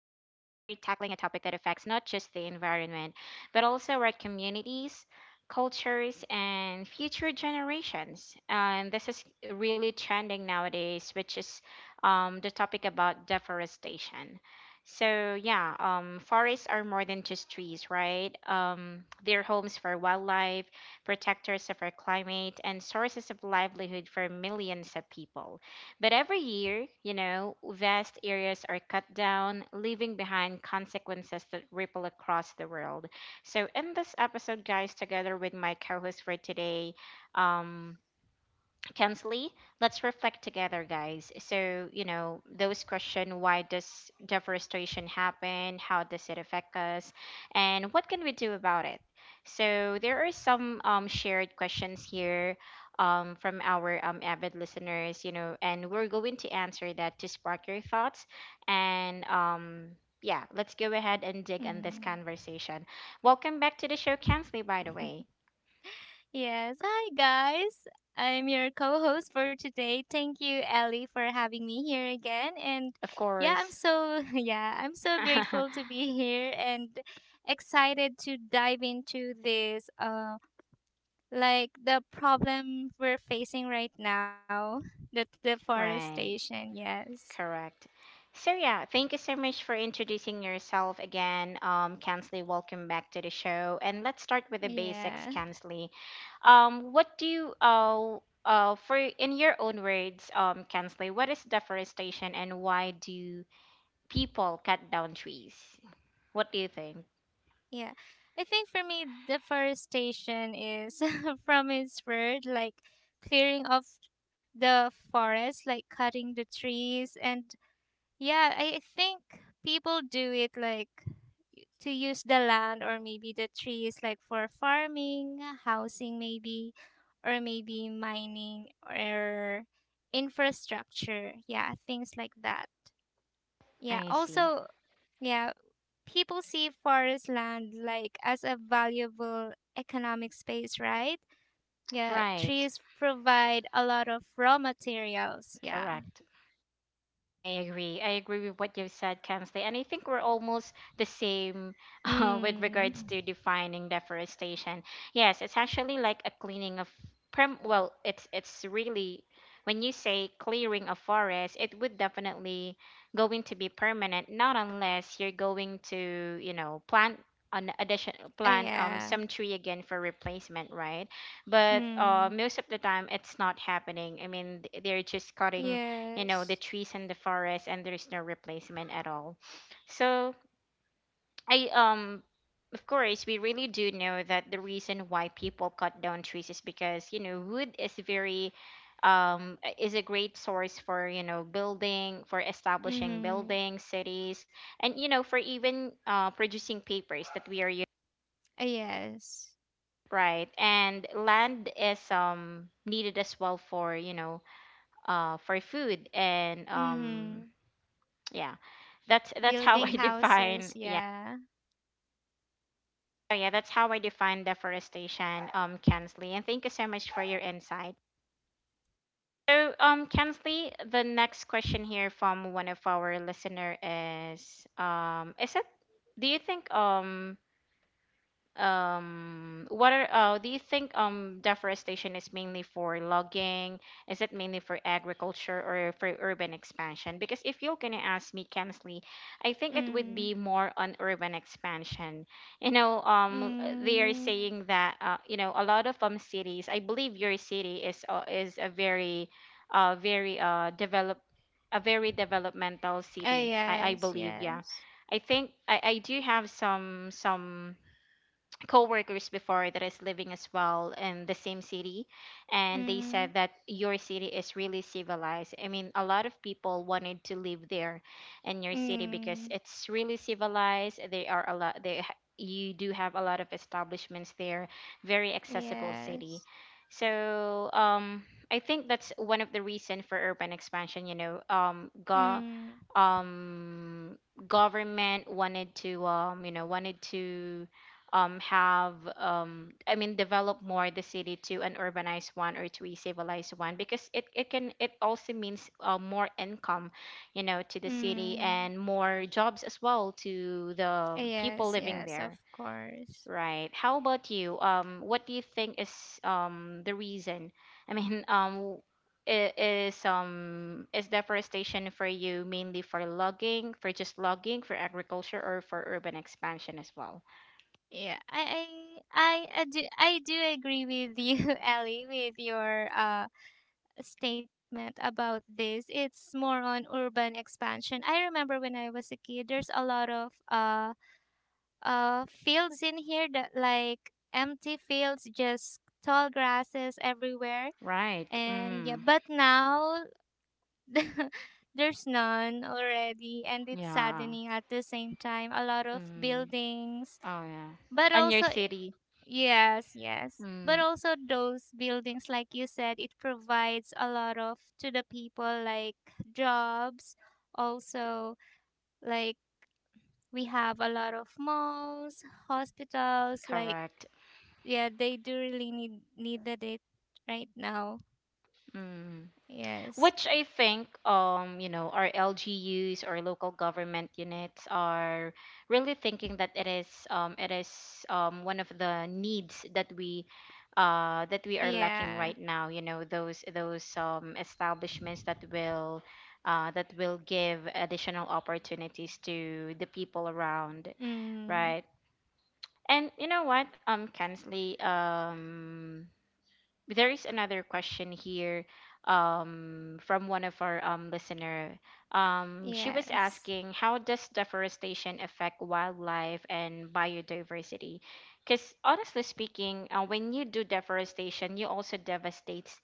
tackling a topic that affects not just the environment, but also our communities, cultures, and future generations. And this is really trending nowadays, which is the topic about deforestation. So yeah, forests are more than just trees, right? They're homes for wildlife protectors of our climate, and sources of livelihood for millions of people. But every year, vast areas are cut down, leaving behind consequences that ripple across the world. So, in this episode, guys, together with my co host for today, um, Kensley, let's reflect together, guys. So, those question: why does deforestation happen? How does it affect us? And what can we do about it? So, there are some shared questions here from our avid listeners, and we're going to answer that to spark your thoughts. And yeah, let's go ahead and dig in this Mm. conversation. Welcome back to the show, Kensley, by the way. Yes. Hi, guys. I'm your co host for today. Thank you, Ellie, for having me here again. And Of yeah, course. Yeah, I'm so grateful to be here and excited to dive into this, like the problem we're facing right now, the Right. deforestation. Yes. Correct. So yeah, thank you so much for introducing yourself again, Kansley. Welcome back to the show, and let's start with the basics, Yeah. Kansley. What do you, for in your own words, Kansley, what is deforestation, and why do people cut down trees? What do you think? Yeah. I think for me, deforestation is from its word, like clearing of the forest, like cutting the trees. And yeah, I think people do it like to use the land or maybe the trees, like for farming, housing, maybe, or maybe mining or infrastructure. Yeah, things like that. Yeah. I see. Also, yeah, people see forest land like as a valuable economic space, right? Yeah, Right. trees provide a lot of raw materials. Yeah. Correct. I agree. With what you've said, Kamsley, and I think we're almost the same. With Mm. regards to defining deforestation. Yes, it's actually like a cleaning of prem well, it's really when you say clearing a forest, it would definitely going to be permanent, not unless you're going to, plant an addition plant Yeah. some tree again for replacement, right? But Mm. most of the time it's not happening. I mean, they're just cutting the Yes. trees and the forest and there is no replacement at all. So I, of course, we really do know that the reason why people cut down trees is because, wood is very, is a great source for, building, for establishing Mm-hmm. buildings, cities, and, for even, producing papers that we are using. Yes. Right, and land is needed as well for, for food and Mm-hmm. yeah, that's how Building I define, houses. yeah. Yeah. Oh, yeah, that's how I define deforestation, Kensley, and thank you so much for your insight. So Kensley, the next question here from one of our listener is, is it do you think um do you think deforestation is mainly for logging, is it mainly for agriculture or for urban expansion? Because if you're gonna ask me, Kensley, I think it would Mm. be more on urban expansion. They are Mm. saying that, a lot of cities, I believe your city is a very, very, develop a very developmental city, I Yes. believe, yeah. Yes. I think I do have some coworkers before that is living as well in the same city, and they said Mm. that your city is really civilized. I mean, a lot of people wanted to live there in your city because Mm. it's really civilized. They are a lot, you do have a lot of establishments there, very accessible city. Yes. So I think that's one of the reason for urban expansion. You know go Mm. um, Government wanted to, have, I mean, develop more the city to an urbanized one or to a civilized one, because it also means, more income, you know, to the city Mm. and more jobs as well to the people Yes, living yes, of there. course. Right. How about you? What do you think is the reason? I mean, is deforestation for you mainly for logging, for just logging, for agriculture, or for urban expansion as well? Yeah, I do, I do agree with you, Ellie, with your statement about this. It's more on urban expansion. I remember when I was a kid, there's a lot of fields in here that like empty fields, just tall grasses everywhere. Right. And Mm. yeah, but now there's none already, and it's Yeah. saddening at the same time. A lot of Mm. buildings. Oh yeah. But And your also, city. yes, yes. But Mm. also those buildings, like you said, it provides a lot of to the people like jobs. Also, like we have a lot of malls, hospitals. Like Correct. yeah, they do really needed it right now. Mm. Yes. Which I think, you know, our LGUs or local government units are really thinking that it is one of the needs that we are lacking Yeah. right now. Those establishments that will, that will give additional opportunities to the people around, Mm. right? And you know what, Kensley, there is another question here, from one of our, listener. She was Yes. asking, how does deforestation affect wildlife and biodiversity? Because honestly speaking, when you do deforestation, you also devastates,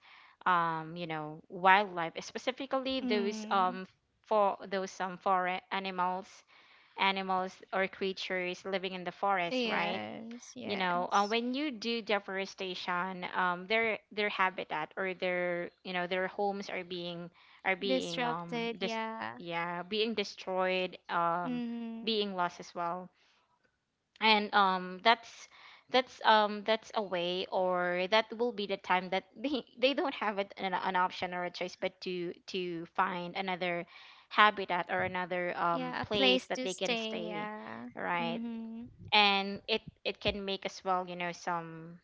wildlife, specifically those, Mm. Forest animals, animals or creatures living in the forest, right? Yes. You know, Yes. when you do deforestation, their habitat, or their, their homes are being, are being um Disrupted. dis- Yeah. yeah, being destroyed, Mm. being lost as well. And that's, that's a way, or that will be the time that they, they don't have it, an option or a choice, but to find another habitat or another Yeah, a place place that to they can stay. stay, Yeah. right. Mhm. And it can make as well, you know some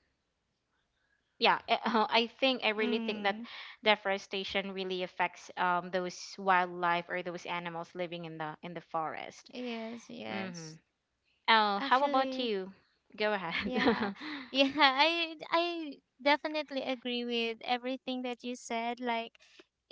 yeah eh, I really think that Mm. deforestation really affects, those wildlife or those animals living in the forest. Yes, Mm-hmm. yes. Oh, how about Actually, you? Go ahead. yeah. Yeah, I definitely agree with everything that you said. Like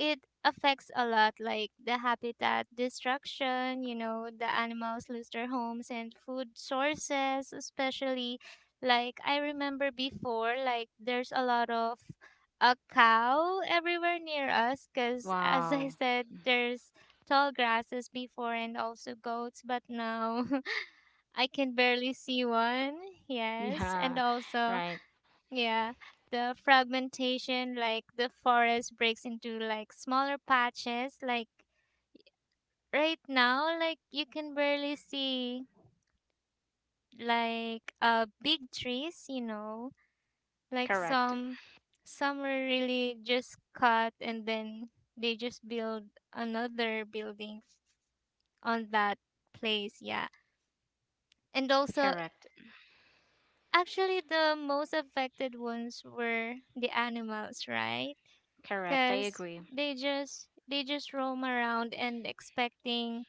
it affects a lot like the habitat destruction, you know, the animals lose their homes and food sources, especially like I remember before like there's a lot of a cow everywhere near us cuz as I Wow. said there's tall grasses before and also goats but now I can barely see one. Yes. And Yeah. also, Right. yeah, the fragmentation, like the forest breaks into like smaller patches. Like right now, like you can barely see like big trees, you know. Like Correct. Some are really just cut and then they just build another building on that place, yeah. And also, Correct. actually, the most affected ones were the animals, right? Correct. I Because agree. They just roam around and expecting,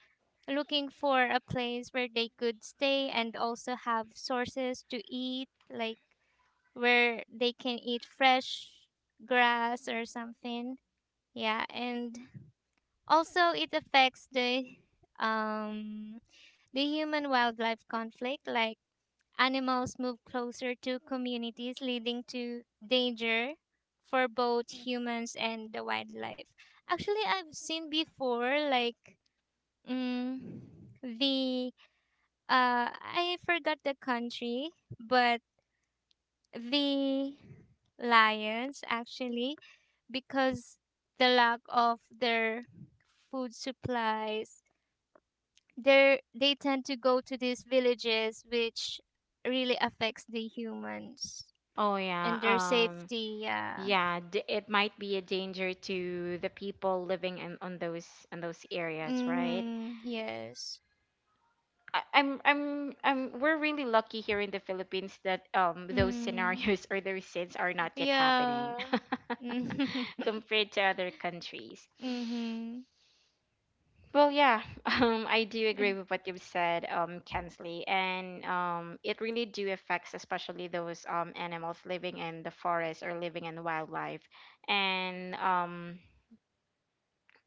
looking for a place where they could stay and also have sources to eat, like where they can eat fresh grass or something. Yeah, and also it affects um the human wildlife conflict, like animals move closer to communities, leading to danger for both humans and the wildlife. Actually, I've seen before, like, mm, the, I forgot the country, but the lions actually, because the lack of their food supplies, they tend to go to these villages, which really affects the humans Oh yeah. and their safety. Yeah. Yeah, it might be a danger to the people living in those areas, right? Mm, yes. I- I'm We're really lucky here in the Philippines that, those Mm, scenarios or those sins are not yet happening, yeah. Mm-hmm. compared to other countries. Well, yeah, I do agree with what you've said, Kensley, and it really do affects, especially those, animals living in the forest or living in wildlife, and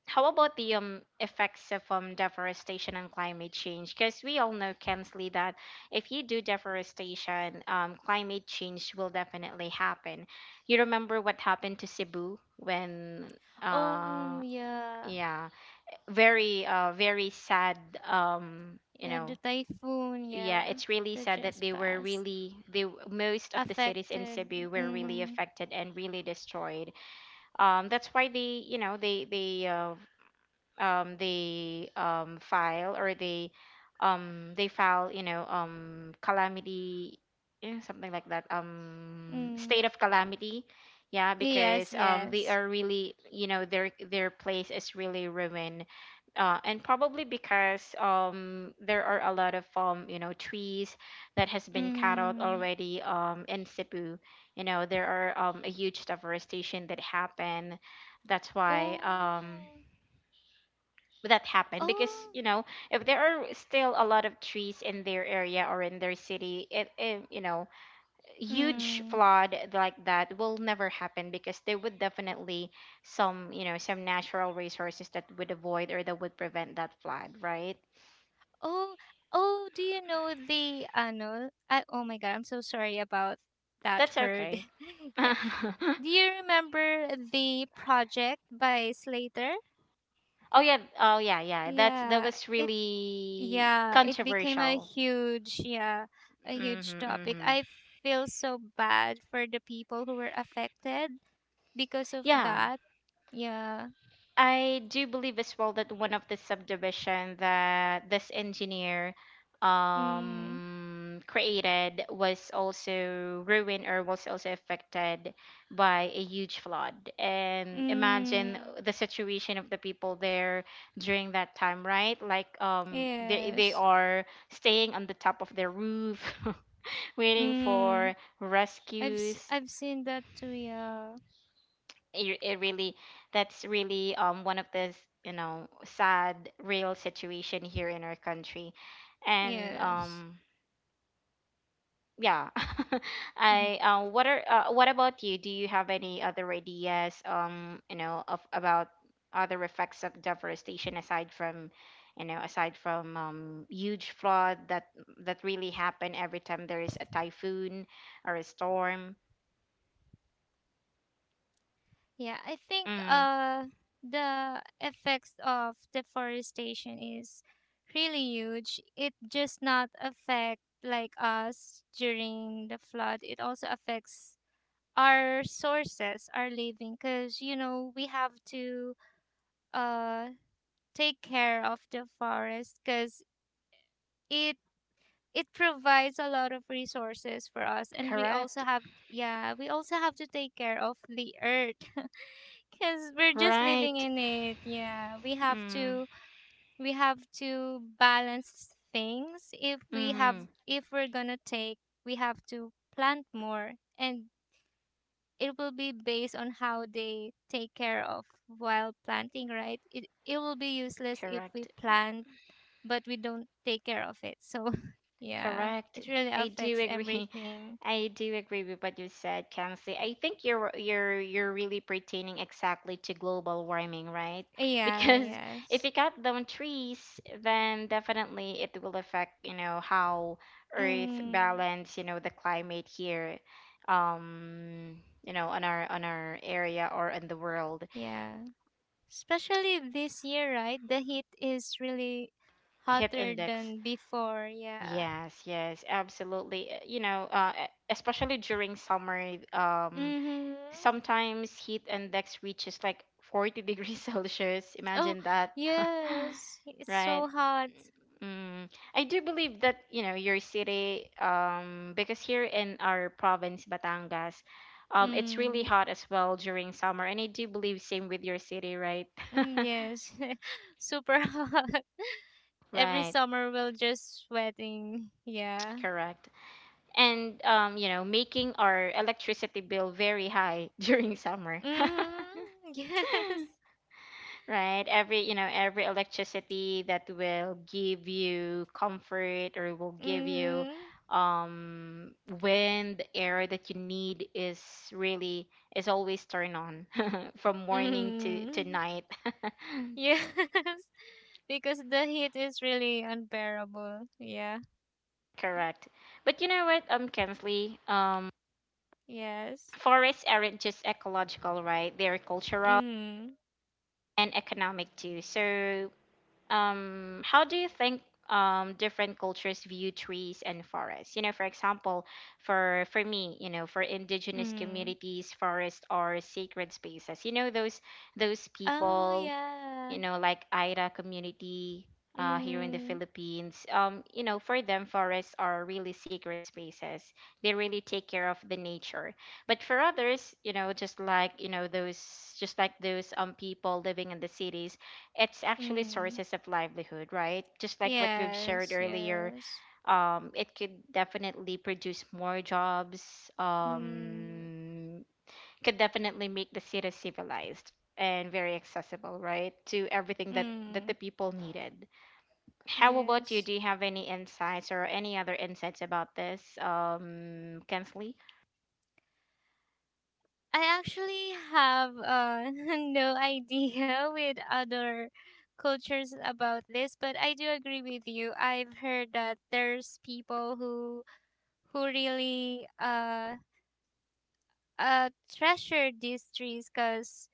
how about the, effects of, deforestation and climate change? Because we all know, Kensley, that if you do deforestation, climate change will definitely happen. You remember what happened to Cebu when, uh, Oh, yeah. yeah, very, very sad. Um, you Yeah, the know, typhoon, yeah, yeah, it's really that sad that just they were passed. really they most of the cities in Affected. Cebu were really Mm-hmm. affected and really destroyed. That's why they, file, or they file, calamity, eh, something like that, Mm. state of calamity. Yeah, Yes, because, they yes. are really, their place is really ruined, and probably because, there are a lot of, trees that has been cut out Hmm. already, in Cebu. You know, there are, a huge deforestation that happened. That's why, Oh. that happened, because, Oh. If there are still a lot of trees in their area or in their city, it, you know, huge Mm. flood like that will never happen, because there would definitely some, some natural resources that would avoid or that would prevent that flood, right? Oh, oh, do you know the ano? I, oh my God, I'm so sorry about that That's word. okay. Yeah. Oh Do you remember the project by Slater? yeah. Oh yeah, yeah, that's that Yeah, was it really yeah, it became a controversial. huge yeah, a huge Hmm. topic. Hmm. I feel so bad for the people who were affected because of Yeah, that. Yeah. I do believe as well that one of the subdivision that this engineer, Mm. Created was also ruined or was also affected by a huge flood. And imagine Mm. the situation of the people there during that time, right? Like, they Yes. are staying on the top of their roof waiting Mm. for rescues. I've seen that too. Yeah. It really That's really, one of the, you know, sad real situation here in our country, and Yes. Yeah. Mhm. I what are What about you? Do you have any other ideas, of about other effects of deforestation aside from, you know, aside from huge flood that really happen every time there is a typhoon or a storm. Yeah, I think Mm. The effects of deforestation is really huge. It just not affect like us during the flood. It also affects our sources, our living cuz you know, we have to uh take care of the forest cuz it it provides a lot of resources for us and we also Correct. have yeah, we also have to take care of the earth. Because we're just living Right. in it. Yeah. Mm. We have to balance things. Mm-hmm. If we're gonna take we have to plant more and it will be based on how they take care of while planting, right? It will be useless if we Correct. plant but we don't take care of it. So yeah. Correct. It really I do affects agree. everything. I do agree with what you said, Kamsi. I think you're really pertaining exactly to global warming, right? Yeah, Because if yes. you cut down trees, then definitely it will affect, you know, how Earth Mm. balance, you know, the climate here, you know, on our area or in the world. Yeah. Especially this year, right? The heat is really Heat hotter index. than before. Yeah. Yes, yes, absolutely. You know, especially during summer, Mhm. sometimes heat index reaches like 40 degrees Celsius. Oh, Imagine that, yes. It's right? so hot. Mm. I do believe that, your city, because here in our province, Batangas, it's really Mm. hot as well during summer. And I do believe same with your city, right? Mm, yes. Super hot. Every Right, summer we'll just sweating. Yeah. correct. And making our electricity bill very high during summer. Mhm. Yes. Right, every you know every electricity that will give you comfort, or will give you, Mhm. um when the air that you need is really is always turned on from morning to Mhm. night. Yes. Because the heat is really unbearable. Yeah. Correct. But you know what, Kensley, Yes. forests aren't just ecological, right? They're cultural Mhm. and economic too. So, how do you think different cultures view trees and forests? For example, for me, for indigenous Mm. communities, forests are sacred spaces. Those Oh people, yeah. Like Aira community here in the Mm. Philippines. For them, forests are really sacred spaces. They really take care of the nature. But for others, just like those people living in the cities, it's actually Mm. sources of livelihood, right? Just like what we've shared Yes, earlier. yes. It could definitely produce more jobs, Mm. Could definitely make the city civilized and very accessible, right? To everything that Mm. The people needed. How about you? Yes. Do you have any insights or any other insights about this, Kensley? I actually have no idea with other cultures about this, but I do agree with you. I've heard that there's people who really treasure these trees because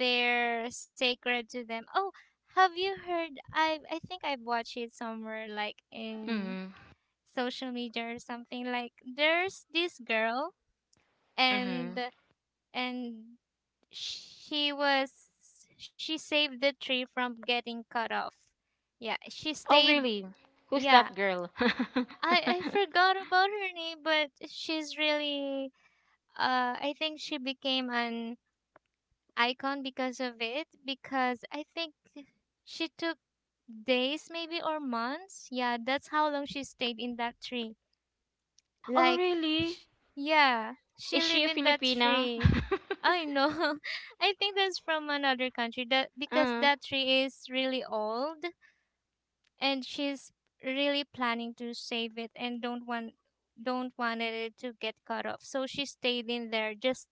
they're sacred to them. Oh, have you heard? I think I've watched it somewhere, like in Mm-hmm. social media or something. Like there's this girl, Mm-hmm. and and she was she saved the tree from getting cut off. Yeah, she Oh, stayed. really? Who's Yeah, that girl? I forgot about her name, but she's really I think she became an icon because of it because I think she took days maybe or months. Yeah, that's how long she stayed in that tree. Oh, Like really? sh- yeah, she Is she lived a in that Filipina? tree. I know. I think that's from another country that because uh, that tree is really old and she's really planning to save it and don't wanted it to get cut off. So she stayed in there just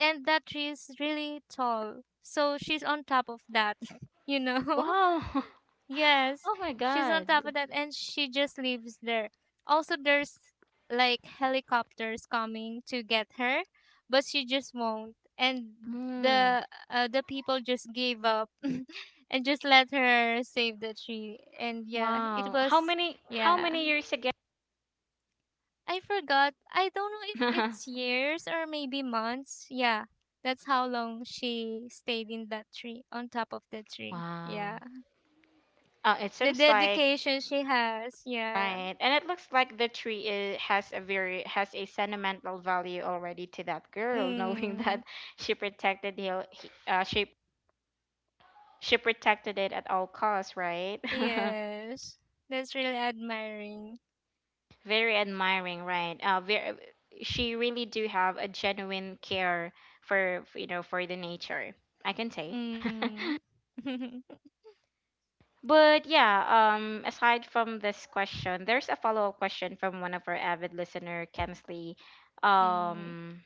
and that tree is really tall. So she's on top of that, you know? wow. Yes, Oh my she's on God. top of that and she just lives there. Also, there's like helicopters coming to get her, but she just won't. And Mm, the people just gave up and just let her save the tree. And yeah, it wow. Was How yeah. many years ago? I forgot. I don't know if it's years or maybe months. Yeah. That's how long she stayed in that tree, on top of the tree. Wow. Yeah. It The seems like. dedication she has. Yeah. Right. And it looks like the tree I has a very has a sentimental value already to that girl, knowing Mm. that she protected the he- she protected it at all costs, right? Yes. That's really admiring. Very admiring, right? Very, she really do have a genuine care for for the nature, I can say. Mm. But yeah, aside from this question, there's a follow-up question from one of our avid listener, Kensley. Mm. Um,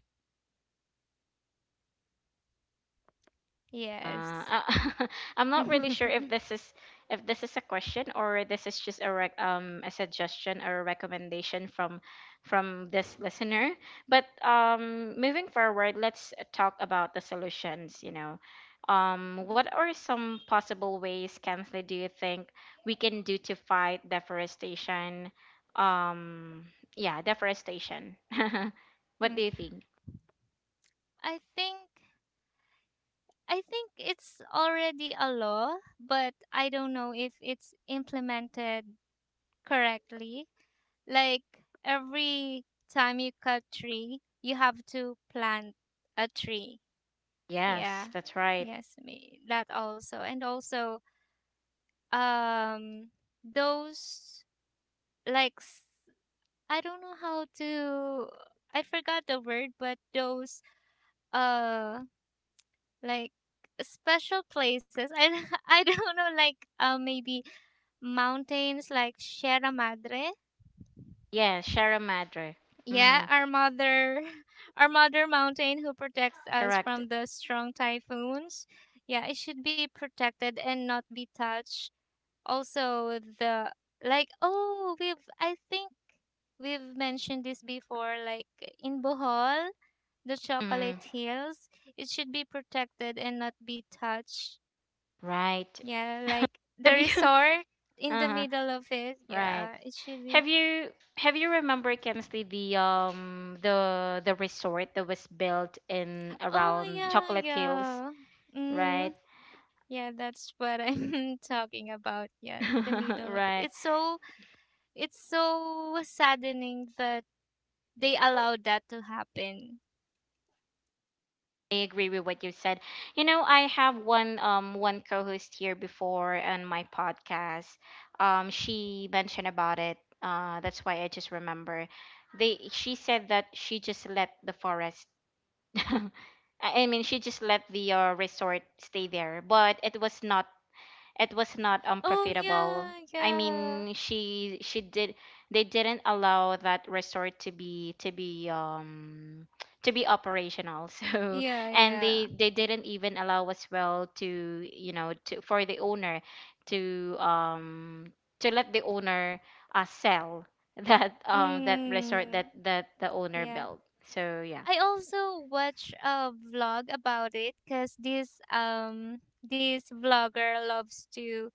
Yes. Uh, I'm not really sure if this is a question, or this is just a suggestion or a recommendation from this listener. But moving forward, let's talk about the solutions. What are some possible ways, Kensley, do you think we can do to fight deforestation? Yeah, deforestation. What Mm. do you think? I think I think it's already a law, but I don't know if it's implemented correctly. Like every time you cut tree, you have to plant a tree. Yes, Yeah. that's right. Yes, me that also. And also um those like s- I don't know how to I forgot the word, but those uh like special places. I I don't know like maybe mountains like Sierra Madre. Yeah, Sierra Madre. Mm-hmm. Yeah, our mother, our mother mountain who protects us Correct. from the strong typhoons. Yeah, it should be protected and not be touched. Also, the like, oh, we've, I think we've mentioned this before, like in Bohol, the Mm, chocolate hills, it should be protected and not be touched. right. Yeah, like the Have you resort in the Uh-huh, middle of it. right. Yeah, it should be. Have you have you remember, Kensley, the the resort that was built in Oh, around yeah, Chocolate Hills, yeah. right? Mm-hmm. Yeah, that's what I'm talking about. Yeah, the middle of it. Right. It's so saddening that they allowed that to happen. I agree with what you said. You know, I have one co-host here before on my podcast. She mentioned about it. That's why I just remember. They she said that she just let the forest. I mean, she just let the resort stay there, but it was not Oh unprofitable. yeah, I yeah. mean, she did they didn't allow that resort to be operational. So Yeah, and yeah. they didn't even allow as well to you know to for the owner to um to let the owner sell that that resort Mm, that the owner yeah. built. So yeah. I also watch a vlog about it cuz this vlogger loves to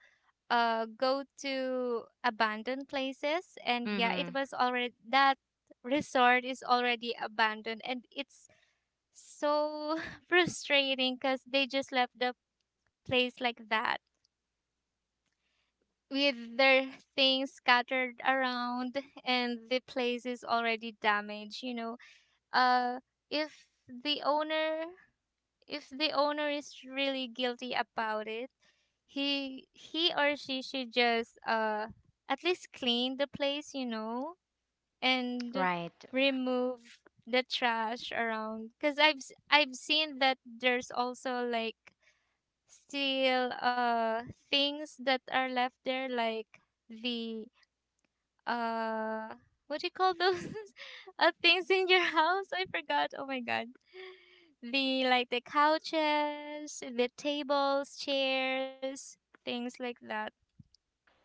go to abandoned places and yeah, it Mhm. was already that resort is already abandoned and it's so frustrating because they just left the place like that with their things scattered around and the place is already damaged you know, uh if the owner if the owner is really guilty about it he or she should just at least clean the place, you know, and Right. remove the trash around because I've seen that there's also like still things that are left there like the uh what do you call those, things in your house, I forgot, oh my god, the like the couches, the tables, chairs, things like that,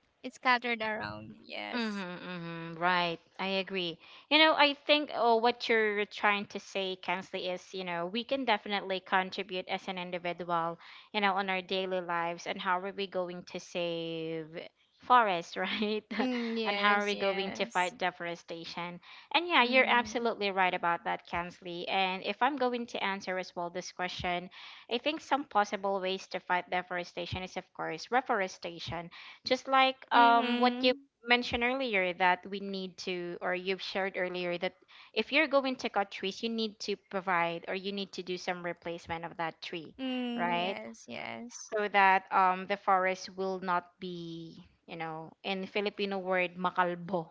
it's scattered around, yes. Mm-hmm, hmm right. I agree. I think, oh, what you're trying to say, Kensley, is, we can definitely contribute as an individual, on our daily lives, and how are we going to save forests, right? Mm, And how are yes, we going to yes. fight deforestation? And yeah, you're Mm, absolutely right about that, Kensley. And if I'm going to answer as well this question, I think some possible ways to fight deforestation is, of course, reforestation, just like what you mm-hmm. mentioned earlier, that we need to, or you've shared earlier, that if you're going to cut trees, you need to provide, or you need to do some replacement of that tree. Mm-hmm. Mm, Right? yes, yes. So that the forest will not be, in Filipino word, makalbo,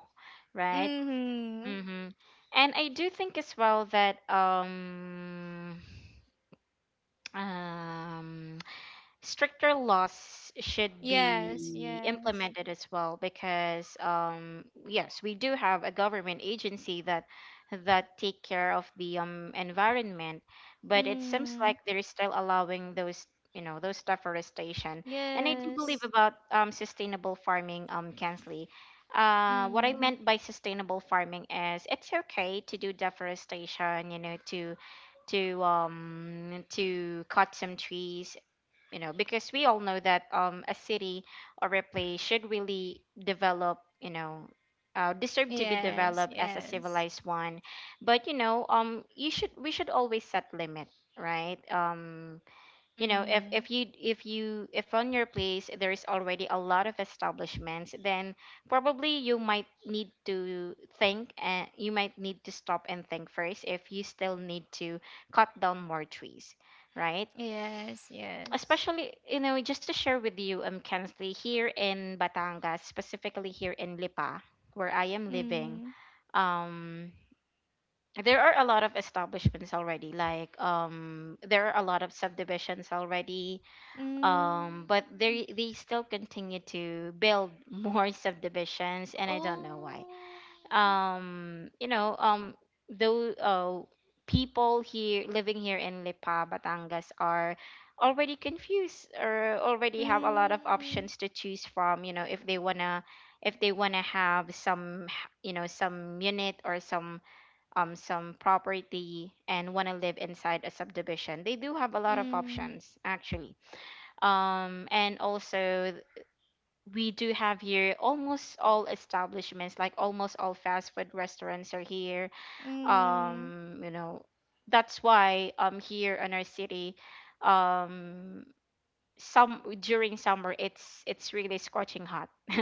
right? Mm-hmm. Mm-hmm. And I do think as well that um, stricter laws should Yes, be yes. implemented as well, because yes we do have a government agency that take care of the environment, but it seems like Mm. they're still allowing those you know those deforestation. And I do Yes. believe about sustainable farming, Kensley. What I Mm. meant by sustainable farming is it's okay to do deforestation, to cut some trees, because we all know that a city or a place should really develop, deserve to be Yes, developed as a yes. civilized one. But you should we should always set limit, right? You know Mm. if you if you if on your place there is already a lot of establishments, then probably you might need to think, and you might need to stop and think first if you still need to cut down more trees, right? Yes, yes. Especially, just to share with you, Kensley, here in Batangas, specifically here in Lipa where I am living, Mm. um there are a lot of establishments already, like there are a lot of subdivisions already, Mm. but they still continue to build more subdivisions, and I don't know why. Oh. Um, you know, um, those people here living here in Lipa, Batangas are already confused, or already have a lot of Mm. options to choose from. If they wanna have some, some unit or some property, and wanna live inside a subdivision, they do have a lot of Mm. options actually. And also we do have here almost all establishments, like almost all fast food restaurants are here. Mm. Um you know that's why here in our city, um some during summer, it's really scorching hot.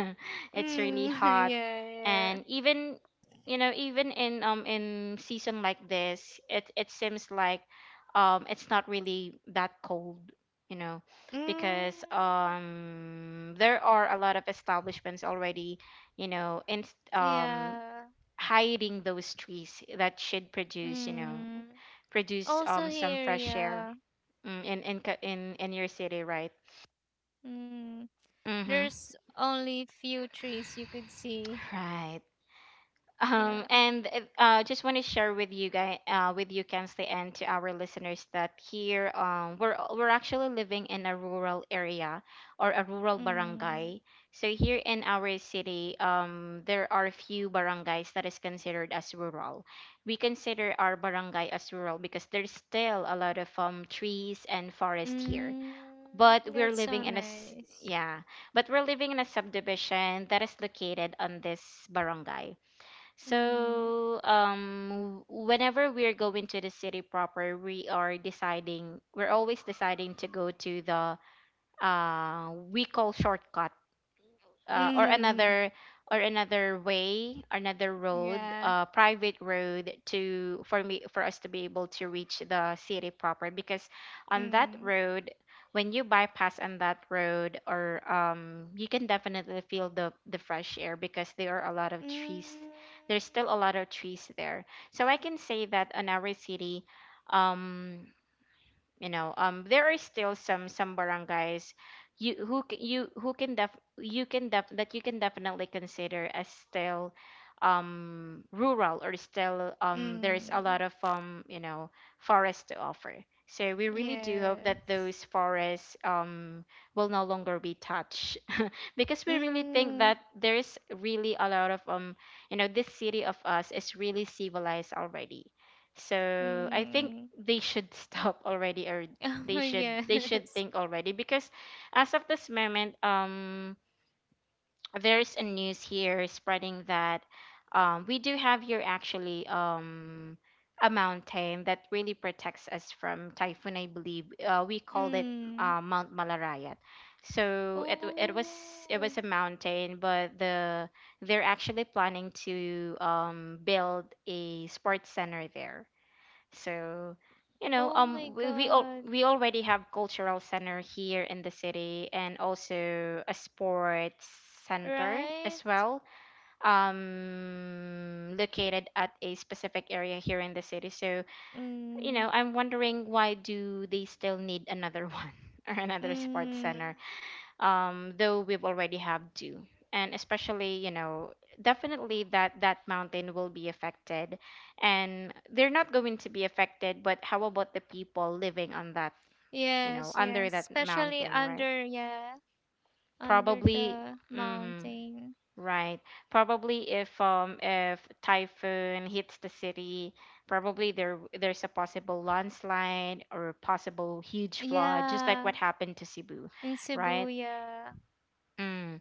Mm. It's really hot. Yeah, yeah. And even, even in season like this, it seems like it's not really that cold, you know Mm. because there are a lot of establishments already, in, um Yeah. hiding those trees that should produce, Mm. produce Also some here, fresh air. yeah. Mm, in in Ca- in in your city, right? Mm. Mm-hmm. There's only few trees you could see. Right. Yeah. And Just want to share with you guys, with you, Kensley, and to our listeners that here, we're actually living in a rural area or a rural Mm. barangay. So here in our city, there are few barangays that is considered as rural. We consider our barangay as rural because there's still a lot of trees and forest here. Mm, But we're that's living so in a s- nice. yeah but we're living in a subdivision that is located on this barangay. Mm. So whenever we're going to the city proper, we are deciding we're always deciding to go to the, we call shortcut, or Mm. another, or another way, another road, Yeah. Private road, to for me for us to be able to reach the city proper. Because on that Mm. road, when you bypass on that road, or you can definitely feel the fresh air because there are a lot of trees. Mm. There's still a lot of trees there, so I can say that on our city, um, there are still some barangays, you who c- you who can def you can definitely consider as still rural, or still there's a Mm. lot of forests to offer. So we really do hope that Yes. those forests will no longer be touched, because we really think Mm. that there is really a lot of this city of us is really civilized already. So I think Mm. they should stop already, or they Oh, should they should yes. think already, because as of this moment there's a news here spreading that, we do have here actually a mountain that really protects us from typhoon. I believe we called it Mm. Mount Malarayat. So it Oh. was a mountain, but they're actually planning to build a sports center there. So, Oh my we we, al- God. we already have cultural center here in the city, and also a sports center Right? as well, located at a specific area here in the city. So, Mm. I'm wondering why do they still need another one, or another sports Mm. center, though we've already have two. And especially, definitely that mountain will be affected, and they're not going to be affected. But how about the people living on that, you know, Yes, under yes. that Especially mountain, right? under, yeah, under Probably, the mm, mountain. right. Probably if typhoon hits the city, probably there's a possible landslide or possible huge flood, just like Yeah. what happened to Cebu, In Cebu, right? yeah. Mm.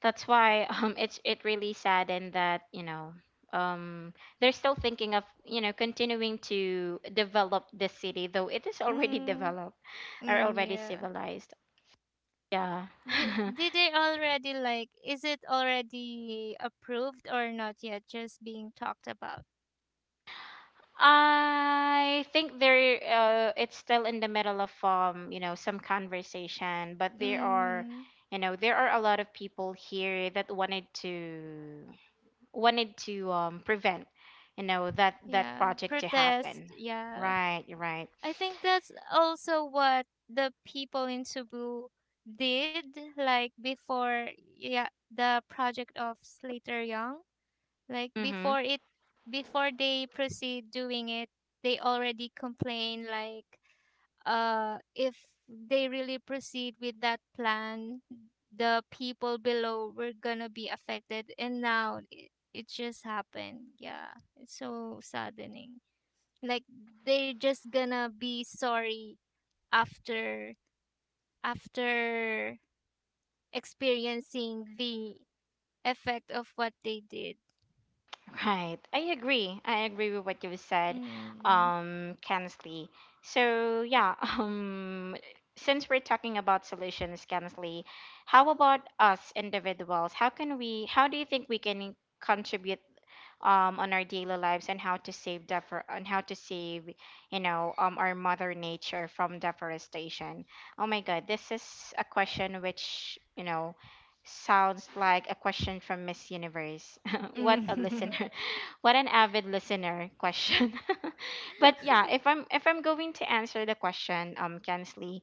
That's why it really saddened that, um they're still thinking of, continuing to develop the city, though it is already Mm, developed or mm, already yeah. civilized. Yeah. Did, did they already like is it already approved or not yet just being talked about? I think they're it's still in the middle of some conversation, but there are Mm, you know, there are a lot of people here that wanted to prevent that yeah, project to protest, happen. yeah. Right, you're right. I think that's also what the people in Cebu did, like before, yeah, the project of Slater Young, like Mm-hmm. before it before they proceed doing it, they already complain like, if they really proceed with that plan, the people below were gonna be affected, and now it just happened. Yeah, it's so saddening. Like they're just gonna be sorry after after experiencing the effect of what they did. Right. I agree. I agree with what you said, Mm. Kensley. So yeah, since we're talking about solutions, Kensley, how about us individuals? How can we? How do you think we can contribute on our daily lives and how to save our mother nature from deforestation. Oh my god, this is a question which, sounds like a question from Miss Universe. what a Mm. listener What an avid listener question. But yeah, if I'm going to answer the question, Kensley,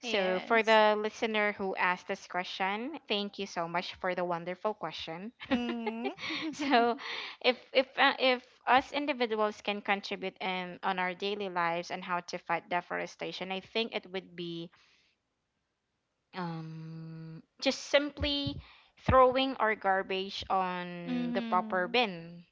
so for yes. the listener who asked this question, thank you so much for the wonderful question. Mm. So if us individuals can contribute in on our daily lives and how to fight deforestation, I think it would be just simply throwing our garbage on the proper mm-hmm. bin,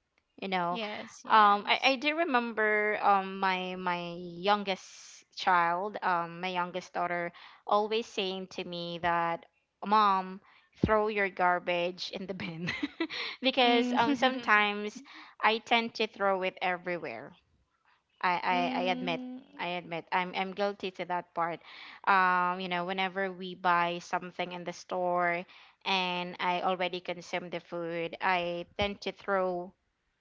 you know. Yes. I Yes. do remember, my youngest daughter always saying to me that, "Mom, throw your garbage in the bin." Because, Mm. sometimes I tend to throw it everywhere. I admit. Mm. I admit, I'm guilty to that part. Whenever we buy something in the store and I already consume the food, I tend to throw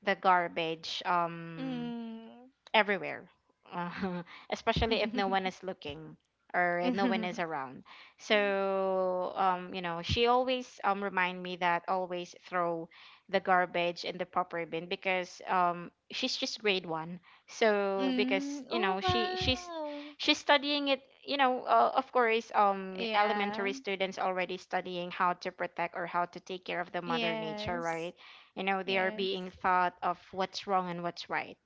the garbage, Mm. everywhere, uh, especially if no one is looking or no one is around. So, she always remind me that always throw the garbage in the proper bin, because she's just grade one. So because Mm. Oh, she she's wow. she's studying it. Of course, Yeah. elementary students already studying how to protect or how to take care of the mother nature, Yes. right? You know, they are Yes. being thought of what's wrong and what's right.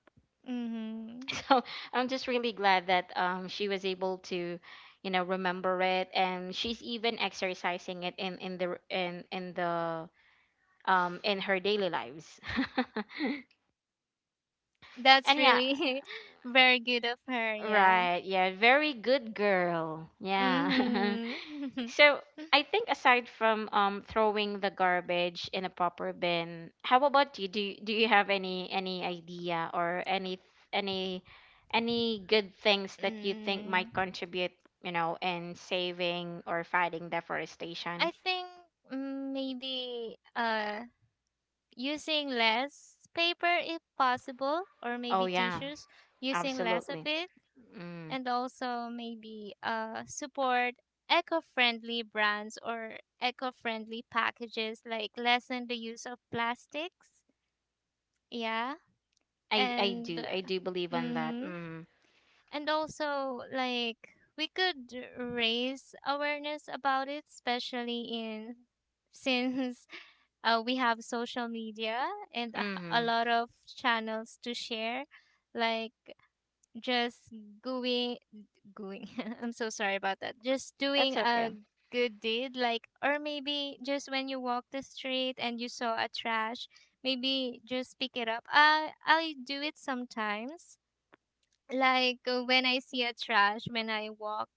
Mm-hmm. So I'm just really glad that she was able to remember it, and she's even exercising it in her daily lives. That's And yeah. really very good of her, yeah. Right, yeah, very good girl, yeah. Mm-hmm. So I think, aside from throwing the garbage in a proper bin, how about you? Do you have any idea or any any good things that you think Mm, might contribute, in saving or fighting I deforestation? think maybe using less paper if possible, or Oh maybe yeah, tissues, using less of absolutely. it. Mm. And also maybe support eco-friendly brands or eco-friendly packages, like lessen the use of plastics, yeah. I I And do I do believe in that. mm Mm. and also, like, we could raise awareness about it, especially in, since we have social media and a Mhm. lot of channels to share, like, just going. Going. I'm so sorry about that. Just doing That's a okay. good deed, like, or maybe just when you walk the street and you saw a trash, maybe just pick it up. I do it sometimes. Like when I see a trash, when I walk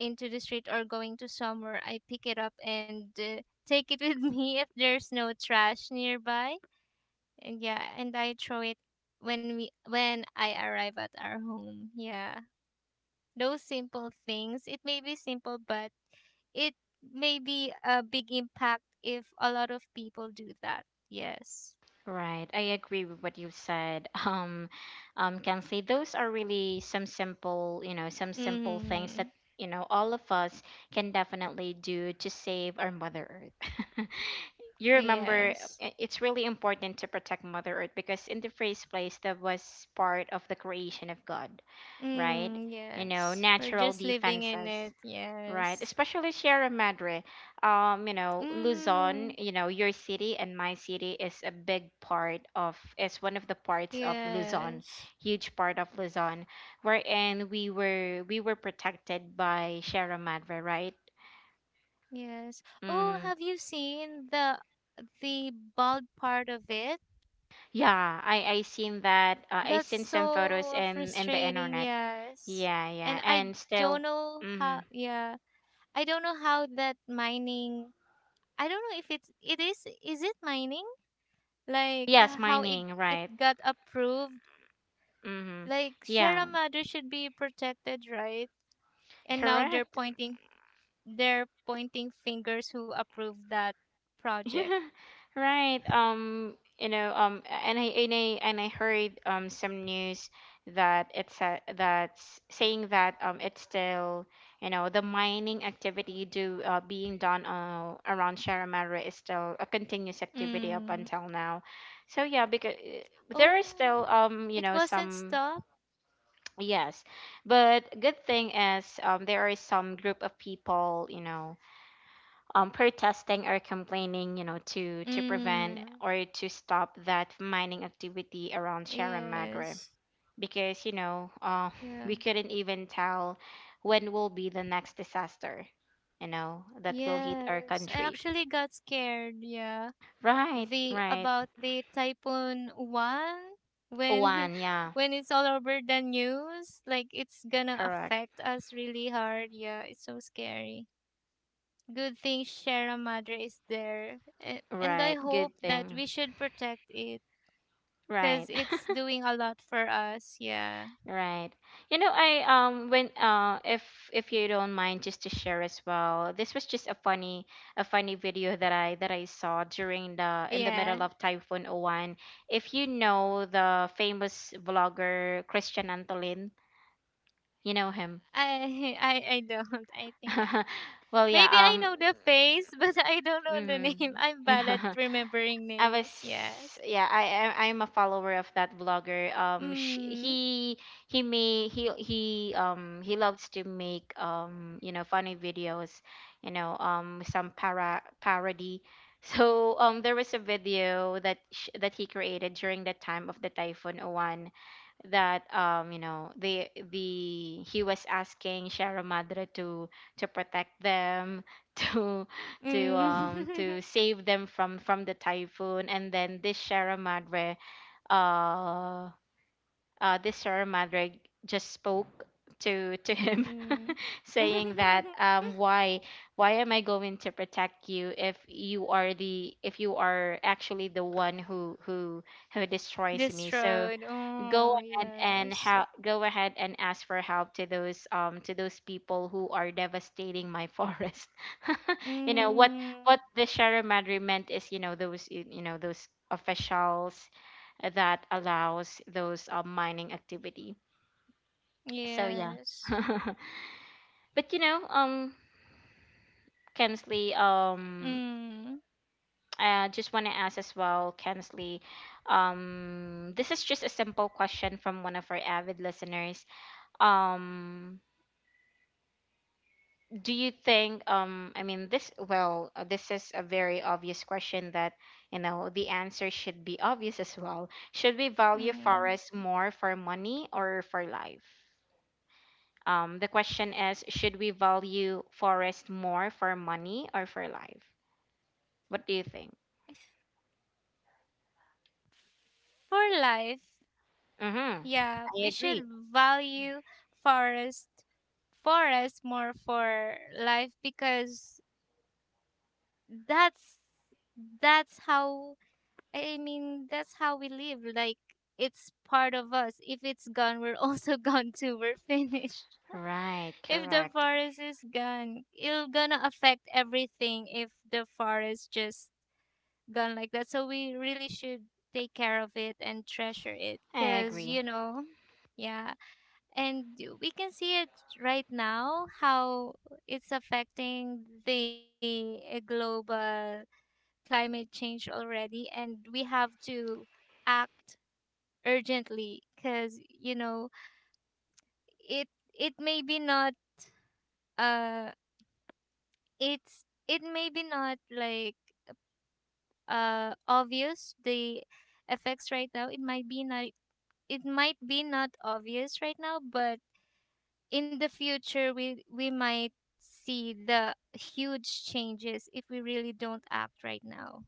into the street or going to somewhere, I pick it up and take it with me if there's no trash nearby. And yeah, and I throw it when I arrive at our home. Yeah, those simple things. It may be simple, but it may be a big impact if a lot of people do that. Yes. Right, I agree with what you said. Kensley, those are really some simple, some simple things that Mm-hmm. All of us can definitely do to save our Mother Earth. You Yes. remember, it's really important to protect Mother Earth because, in the first place, that was part of the creation of God, right? Mm, yes. We're Natural just living in defenses. it. Right, Yes. especially Sierra Madre, Mm, Luzon. Your city and my city is one of the parts of Luzon, yes. huge part of Luzon, wherein we were protected by Sierra Madre, right? Yes. Oh, Mm-hmm. have you seen the bald part of it? Yeah, I seen that. I That's seen some photos so in the frustrating. internet. Yes. Yeah, yeah, And I and don't still, know mm-hmm. how. Yeah. I don't know how that mining. I don't know if it's it is it mining, like Yes, how it mining, it right? got approved. Mm-hmm. Like, Yeah, Sierra Madre should be protected, right? And now correct. They're pointing fingers who approved that project. Right. And I heard some news that that's saying that it's still the mining activity do being done, around Sharamara, is still a continuous activity Mm. up until now. So yeah, because there is Oh, still it wasn't some— stopped. yes, but good thing is, there are some group of people, protesting or complaining, to prevent Mm. or to stop that mining activity around Sierra Madre, Yes. because Yeah. we couldn't even tell when will be the next disaster, that will hit our Yes. I country. actually got scared. Yeah, Right, the right. about the typhoon one when One, yeah, when it's all over the news, like it's gonna correct. affect us really hard, yeah, it's so scary. Good thing Sierra Madre is there, a- and I Right, good hope that thing. we should protect it because Right. it's doing a lot for us, yeah. Right. I when if you don't mind, just to share as well. This was just a funny video that I saw during the in the Yeah, middle of Typhoon oh 01. If you know the famous vlogger Christian Antolin, you know him. I I don't I think I, Well, yeah, maybe I know the face but I don't know the mhm. name. I'm bad at remembering I was names, yes. yeah, I'm a follower of that vlogger. Sh Mm. He may he loves to make funny videos, some para parody. So there was a video that sh that he created during the time of the Typhoon Owan, that the he was asking Sierra Madre to protect them, to to Mm. um to save them from the typhoon. And then this Sierra Madre, uh uh this Sierra Madre just spoke to him, Mm. saying that, "Why, am I going to protect you if you are the if you are actually the one who destroys me? So Destroyed. Oh, yes. Go ahead and ask for help to those people who are devastating my forest." You know what Mm. The Sharamadri meant is, you know you know those officials that allows those, mining activity. So yeah. Yes. But Kensley, Mm. I just want to ask as well, Kensley, this is just a simple question from one of our avid listeners. um do you think, I mean, this, well, this is a very obvious question, that the answer should be obvious as well. Should we value Mm. forests more for money or for life? The question is, should we value forest more for money or for life? What do you think? For life, Mm-hmm, yeah, I we should agree. value forest forest more for life because that's that's how, I mean, that's how we live. Like, it's part of us. If it's gone, we're also gone too. We're finished. Right, If the correct, forest is gone, it'll gonna affect everything if the forest just gone like that. So we really should take care of it and treasure it. I Cause, agree. you know, yeah. And we can see it right now how it's affecting the global climate change already, and we have to act urgently because you know it, it may be not uh it's it may be not like obvious the effects right now, it might be not, it might be not obvious right now, but in the future we might see the huge changes if we really don't act right now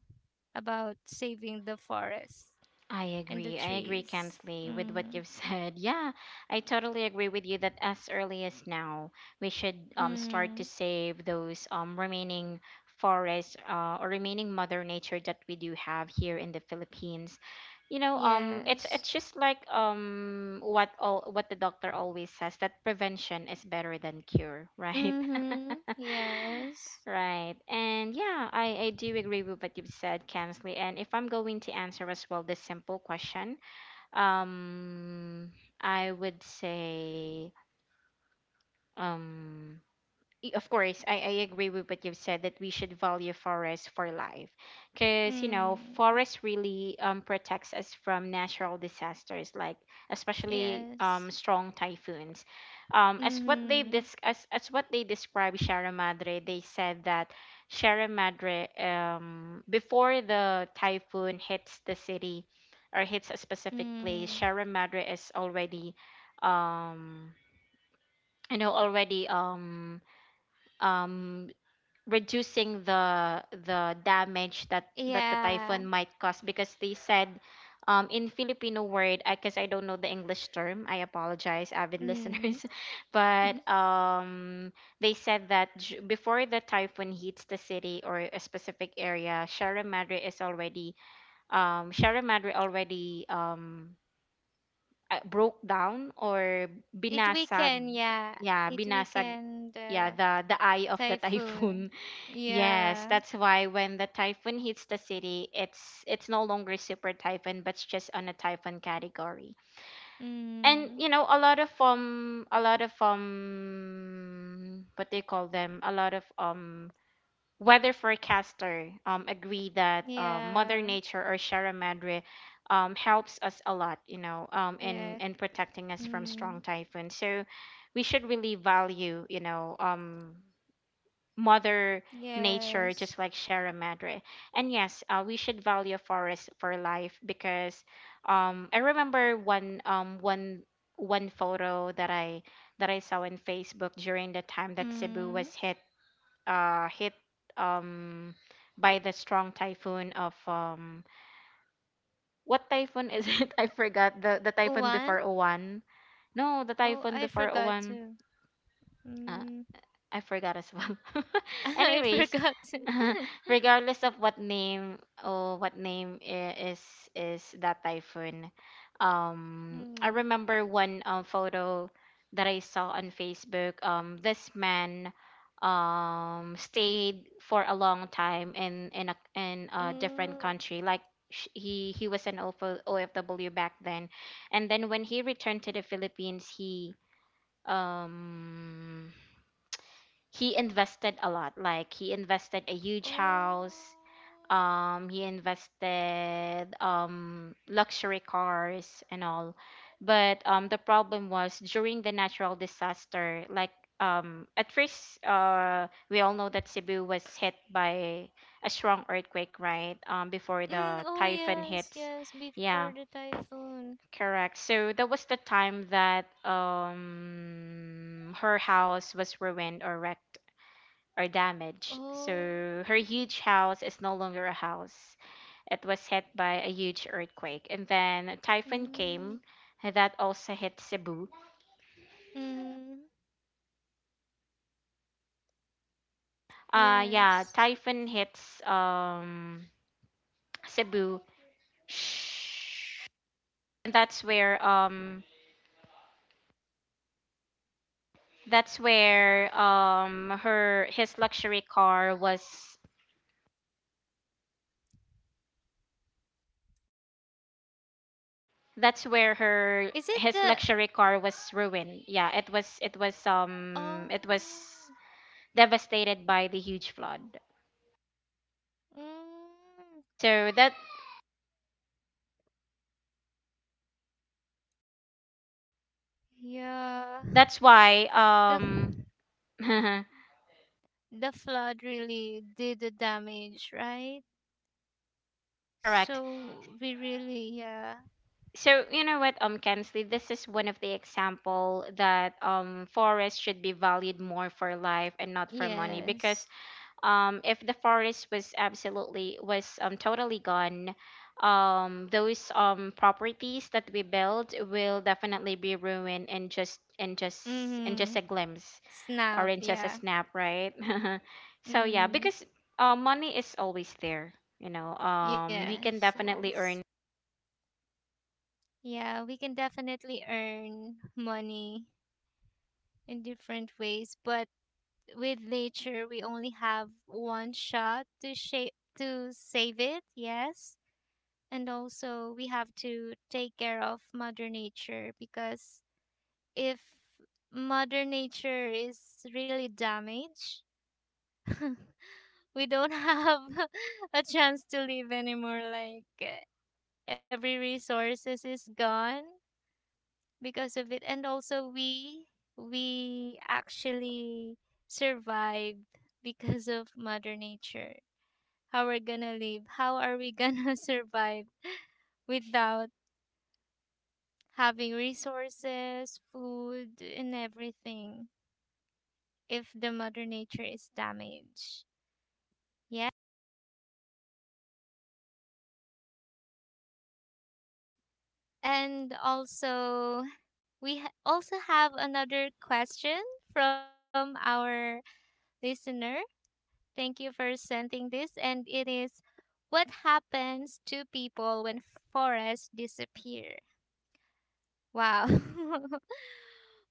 about saving the forest I and the agree. I agree, trees. Kensley, with what Mm. you've said. Yeah, I totally agree with you that, as early as now, we should, start Mm. to save those, remaining forests, or remaining Mother Nature that we do have here in the Philippines. You know, it's Yes. Just like, what the doctor always says, that prevention is better than cure, right? Mm-hmm. Yes. Right. And yeah, I do agree with what you've said, Kansley. And if I'm going to answer as well this simple question, um, I would say, um, of course, I agree with what you've said, that we should value forests for life. Because, Mm. forest really, protects us from natural disasters, like, especially, Yes. Strong typhoons. As what they Mm-hmm. As what they describe Sierra Madre, they said that Sierra Madre, before the typhoon hits the city or hits a specific place, Mm. Sierra Madre is um, already um reducing the damage that the Yeah. typhoon might cause, because they said, in Filipino word I guess, 'cause I don't know the English term, I apologize, avid Mm. listeners. But they said that before the typhoon hits the city or a specific area, Sierra Madre already, broke down, or it binasag. weaken, yeah. Yeah, It binasag, weaken yeah, the the eye of the typhoon. typhoon. Yes, Yeah. that's why when the typhoon hits the city, it's no longer super typhoon, but it's just on a typhoon category. And Mm. A lot of, what they call them, a lot of, weather forecaster, agree that, Mother Yeah. Nature or Sierra Madre helps us a lot, Yeah. in protecting us from Mm. strong typhoon. So we should really value, mother nature, Yes. just like Sierra Madre. And yes, we should value forest for life because, I remember one, one photo that I saw on Facebook during the time that Cebu Mm. was hit um by the strong typhoon of, what typhoon is it? I forgot the typhoon One? before Owan. No, the Oh, typhoon I before forgot Owan. to. Uh, Mm. I forgot as well. I Anyways, forgot. To. regardless of what name, or what name I- is that typhoon, I mm. remember one, photo that I saw on Facebook. This man, stayed for a long time in a different Mm. country. Like he was an O F W back then, and then when he returned to the Philippines, he um invested a lot. Like, he invested a huge Oh. house, he invested luxury cars and all. But the problem was during the natural disaster. Like, at first, we all know that Cebu was hit by a strong earthquake, right, before Mm, the oh typhoon yes, hits. yes, before Yeah, the typhoon. correct. So that was the time that her house was ruined or wrecked or damaged. Oh. So her huge house is no longer a house. It was hit by a huge earthquake. And then a typhoon Mm. came that also hit Cebu. Mm. Yeah, Yes. typhoon hits Cebu. Shh. And that's where her his luxury car was. that's where Is it her the his luxury car was ruined. Yeah, it was oh devastated by the huge flood. mm, So that yeah. that's why. The the flood really did the damage, right? Correct. So we really yeah. So, you know what, Kensley, this is one of the example that forests should be valued more for life and not for money, because Yes. If the forest was absolutely was totally gone, those properties that we build will definitely be ruined in just Mm. a glimpse, Snap, orange as a yeah. snap, right? So yeah, Mm, because money is always there. You know, we yes, can definitely yes. earn. Yeah, we can definitely earn money in different ways, but with nature, we only have one shot to shape to save it, yes. And also, we have to take care of Mother Nature because if Mother Nature is really damaged, we don't have a chance to live anymore. Like, every resources is gone because of it, and also we actually survived because of Mother Nature. How we're gonna live, how are we gonna survive without having resources, food, and everything if the Mother Nature is damaged, yeah. And also, we ha- also have another question from our listener. Thank you for sending this, and it is: What happens to people when forests disappear? Wow.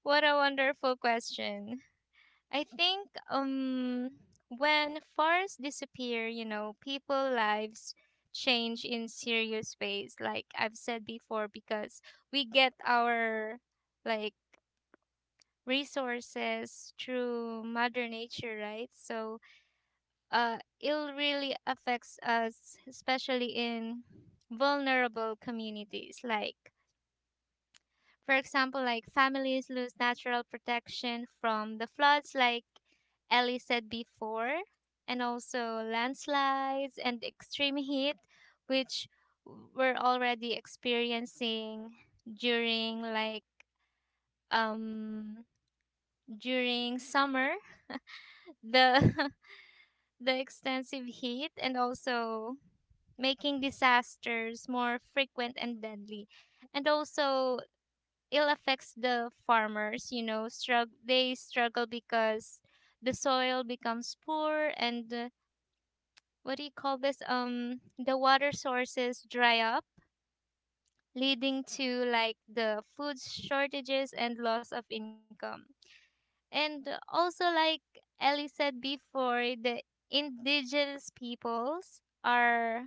What a wonderful question. I think when forests disappear, you know, people lives change in serious ways like I've said before because we get our, like, resources through Mother Nature, right? So it really affects us, especially in vulnerable communities. Like, for example, like families lose natural protection from the floods, like Ellie said before, and also landslides and extreme heat, which we're already experiencing during, like, um during summer, the the extensive heat, and also making disasters more frequent and deadly. And also, it affects the farmers, you know, struggle, they struggle because the soil becomes poor and what do you call this? The water sources dry up, leading to, like, the food shortages and loss of income. And also, like Ellie said before, the indigenous peoples are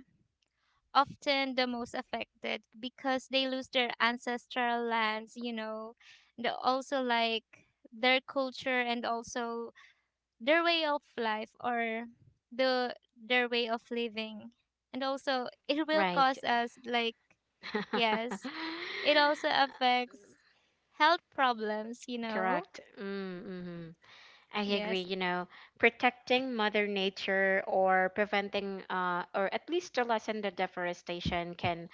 often the most affected because they lose their ancestral lands, you know, the also like their culture, and also their way of life or their way of living. And also it will Right. cause us, like, yes, it also affects health problems, you know. Correct. Mm. Mm-hmm. I agree, Yes. you know, protecting mother nature or preventing, or at least to lessen, the deforestation can,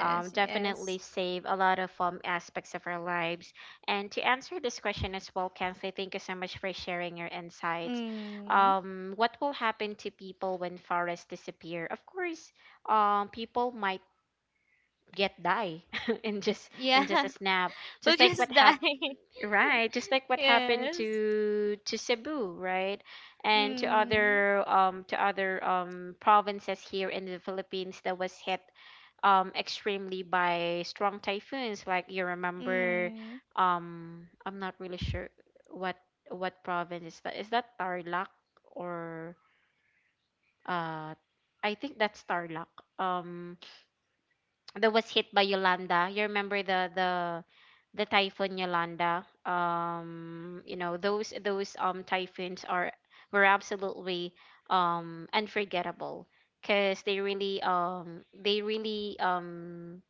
yes. definitely save a lot of, aspects of our lives. And to answer this question as well, Kensley, thank you so much for sharing your insights. Mm. What will happen to people when forests disappear? Of course, people might get die in just a Yeah. snap, We'll just like what just die. happened. Right, just like what happened yes. to Cebu, right? And Mm. To other provinces here in the Philippines that was hit extremely by strong typhoons. Like, you remember, Mm, I'm not really sure what province is that. Is that Tarlac, or uh I think that's Tarlac. That was hit by Yolanda. You remember the typhoon Yolanda. You know, those typhoons are were absolutely unforgettable because they really,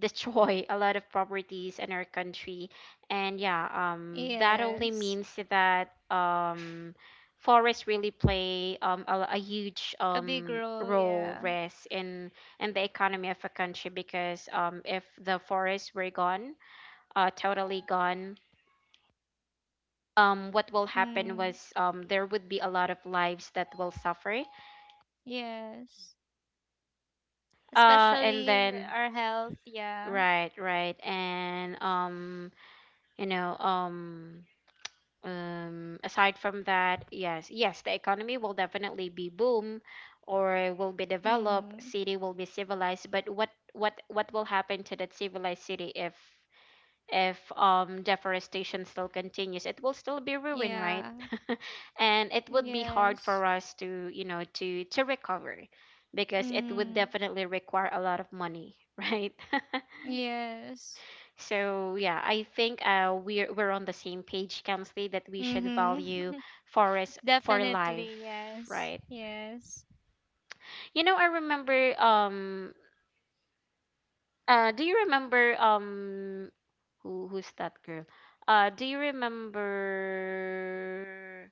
destroy a lot of properties in our country. And yeah, that only yes. means that forests really play, um a, a huge A big um role, role yeah. risk in the economy of a country, because if the forests were gone, totally gone, what will happen Mm, was, there would be a lot of lives that will suffer. yes. And Especially then, our health, yeah. right, right, and, you know, aside from that, yes, yes, the economy will definitely be boom, or will be developed, Mm, city will be civilized, but what will happen to that civilized city if deforestation still continues, it will still be ruined, right? yeah. And it would be hard Yes. for us to, you know, to recover, because it would Mm, definitely require a lot of money, right? yes. So yeah, I think, we're on the same page, Kamsley, that we should value Mm-hmm. forest for Definitely, life, yes. right? Yes. You know, I remember. Do you remember? Who's that girl? Do you remember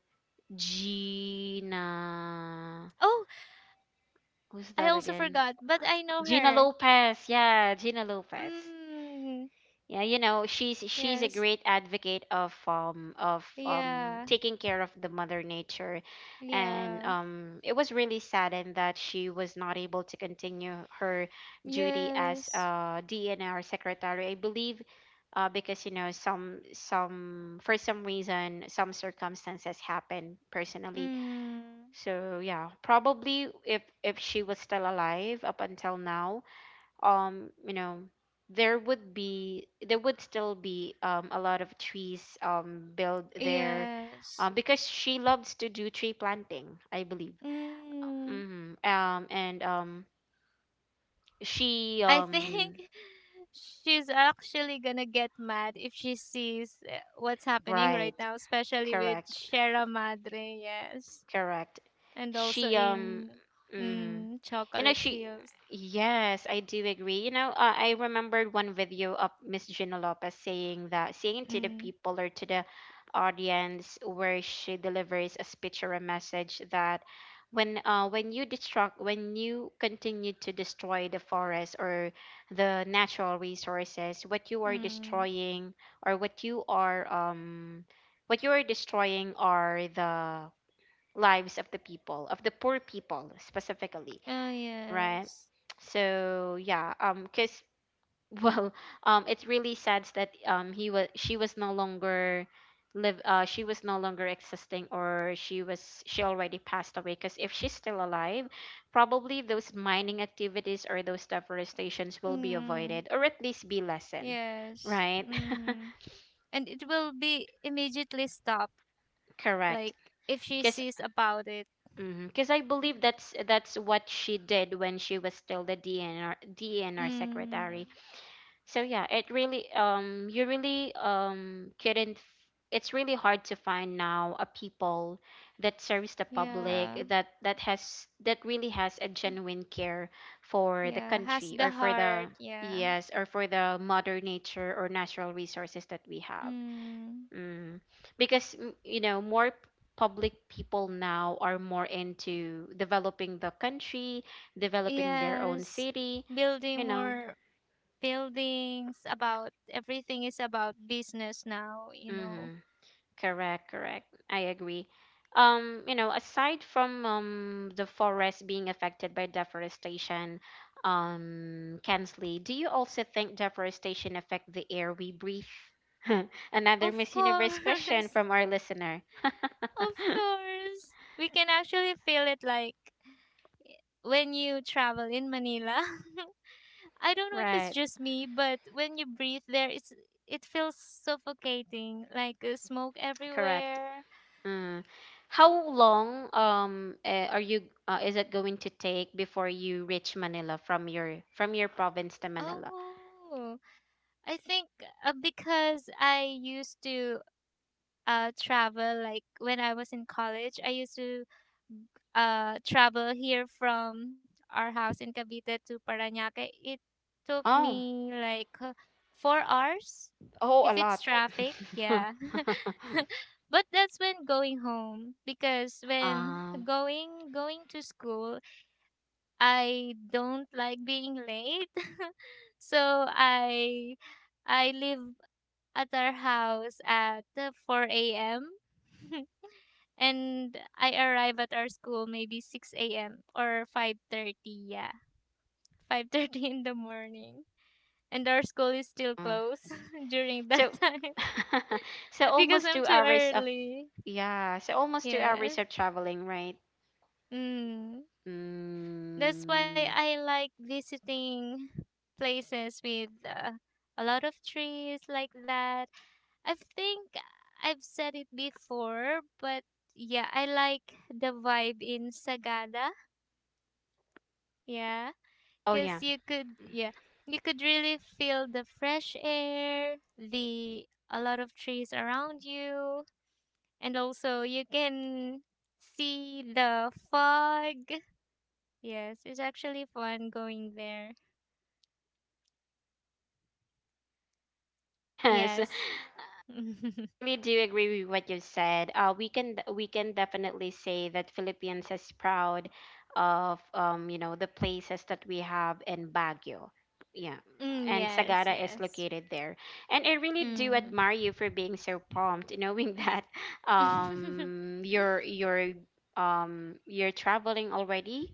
Gina? Oh, Who's I that also again? forgot, Uh, but I know Gina her. Lopez. Yeah, Gina Lopez. Mm, Yeah, you know, she's a yes. great advocate of Yeah. taking care of the mother nature, and Yeah. It was really saddened that she was not able to continue her duty as Yes. DNR secretary. I believe, because you know, some reason, some circumstances happen personally. Mm, So yeah, probably, if she was still alive up until now, you know, there would still be a lot of trees built there, yes. because she loves to do tree planting, I believe. Mm, Hmm and I she think she's actually gonna get mad if she sees what's happening right Right. now, especially with Correct, Sierra Madre, yes, correct. and also She in Mhm. mm, You know, Chocolate Hills. yes, I do agree. You know, I remembered one video of Miss Gina Lopez saying that, saying to the Mm, people, or to the audience where she delivers a speech or a message, that when, when you destruct when you continue to destroy the forest or the natural resources, what you are mm. destroying, or what you are, destroying are the lives of the people, of the poor people specifically. Oh Right. yes. So yeah, cause, well, it's really sad that he was she was no longer live, she was no longer existing, or she already passed away. Cause if she's still alive, probably those mining activities or those deforestations will be Mm, avoided, or at least be lessened, yes. right? Mm-hmm. And it will be immediately stopped, Correct. like, if she Cause sees about it. because I believe that's what she did when she was still the DNR Mm, secretary. So yeah, it really you really couldn't f- it's really hard to find now a people that serves the yeah. public, that really has a genuine care for the Yeah, has the country, or for heart. the, Yeah. yes, or for the mother nature or natural resources that we have. Mm, Mm. Because, you know, public people now are more into developing the country, developing their own yes. city, Building you know. more buildings, about everything is about business now, you know. Mhm. Correct, correct. I agree. You know, aside from the forest being affected by deforestation, Kensley, do you also think deforestation affect the air we breathe? Another Of Miss Universe question course. from our listener. Of course. We can actually feel it, like when you travel in Manila. I don't know if it's Right, just me, but when you breathe there it's it feels suffocating, like smoke correct. everywhere. Mm. How long, are you, is it going to take before you reach Manila from your province to Manila? Oh. I think because I used to travel, like when I was in college, I used to travel here from our house in Cavite to Parañaque. It took Oh. me like 4 hours Oh, a if it's lot. traffic. Yeah. But that's when going home, because when um, going to school, I don't like being late. So I live at our house at 4 a.m. and I arrive at our school maybe 6 a.m. or 5:30, yeah. 5:30 in the morning. And our school is still mm. closed during that so, time so because almost I'm two too hours of early. Yeah, so almost two Yeah. hours of traveling, right? Mm. That's why Mm. I like visiting places with a lot of trees like that. I think I've said it before, but yeah, I like the vibe in Sagada. Yeah, Oh yeah, because you could, yeah, you could really feel the fresh air, the a lot of trees around you, and also you can see the fog. Yes, it's actually fun going there. yes. Yes. Really do agree with what you said. We can, we can definitely say that Philippines is proud of, you know, the places that we have in Baguio, yeah, mm, and yes, Sagara is yes. located there. And I really do Mm. admire you for being so prompt, knowing that, um, you're you're you're traveling already,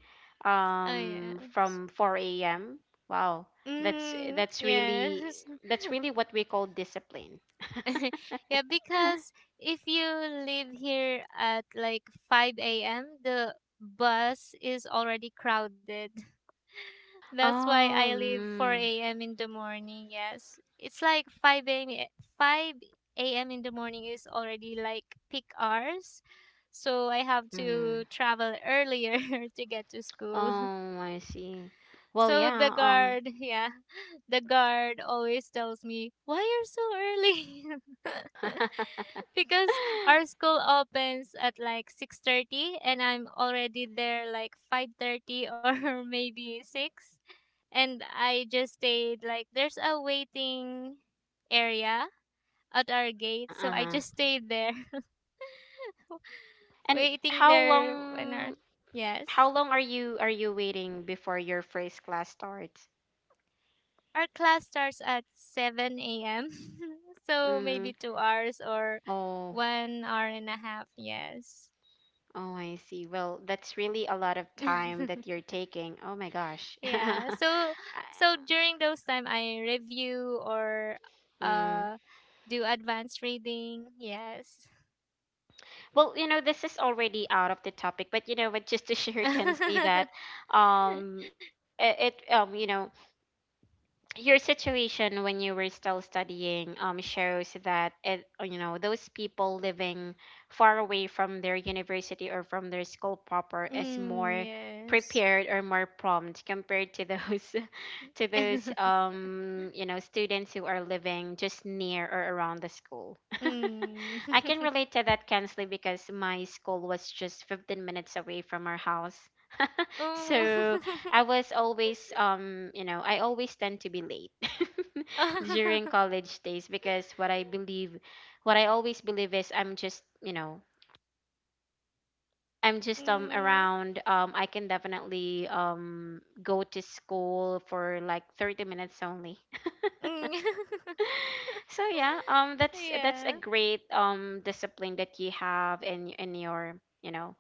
oh yes. from 4 a.m. Wow, that's Mm, that's really yes. that's really what we call discipline. Yeah, because if you leave here at like 5 a.m., the bus is already crowded. That's why I leave Um, 4 a.m. in the morning. Yes. It's like 5 a.m. 5 a.m. in the morning is already like peak hours. So I have mhm. to travel earlier to get to school. Oh, I see. Well, So the yeah, guard, yeah, the guard always tells me, "Why you're so early?" Because our school opens at like 6:30 and I'm already there like 5:30 or maybe 6, and I just stayed like there's a waiting area at our gate, so I Uh-huh. just stayed there And waiting how there when our long how yes. long are you waiting before your first class starts? Our class starts at 7 a.m. so maybe Mm. 2 hours or Oh, 1 hour and a half, yes. oh, I see. Well, that's really a lot of time that you're taking. Oh my gosh. yeah. So during those time I review or Mm. uh do advanced reading, yes. Well, you know, this is already out of the topic, but you know, but just to share, Kensley, that, um, it, it you know, your situation when you were still studying shows that it, you know, those people living far away from their university or from their school proper is Mm, more yes. prepared or more prompt, compared to those, to those um you know, students who are living just near or around the school. Mm. I can relate to that, Kensley, because my school was just 15 minutes away from our house, so Oh. I was always, you know, I always tend to be late during college days, because what I believe, what I always believe is I'm just, you know, I'm just Mm. around. I can definitely go to school for like 30 minutes only. Mm. So yeah, that's a Yeah. great discipline that you have in your, you know,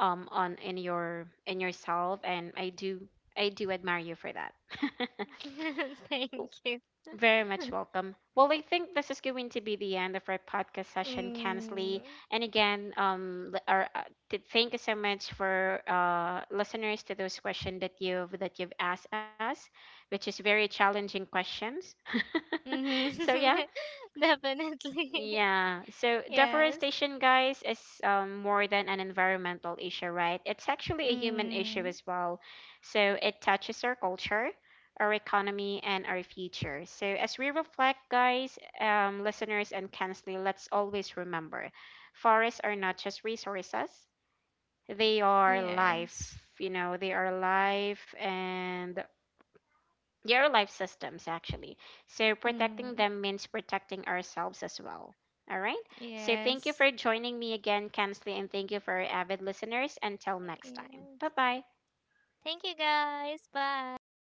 on in your in yourself, and I do admire you for that. Thank W- you. Very much welcome. Well, I think this is going to be the end of our podcast session, Mm. Kansley. And again, thank you so much for, listeners, to those questions that you've asked us, which is very challenging questions. So yeah, Mm-hmm. Definitely. yeah. So Yes. deforestation, guys, is more than an environmental issue, right? It's actually a human issue Mm. as well. So it touches our culture, our economy, and our future. So as we reflect, guys, listeners, and Kensley, let's always remember, forests are not just resources; they are life. Yes. You know, they are life and they are life systems, actually. So protecting Mm. them means protecting ourselves as well. All right. So thank you for Yes. joining me again, Kensley, and thank you for our avid listeners. Until next time. Bye Yes. bye. Thank you guys. Bye.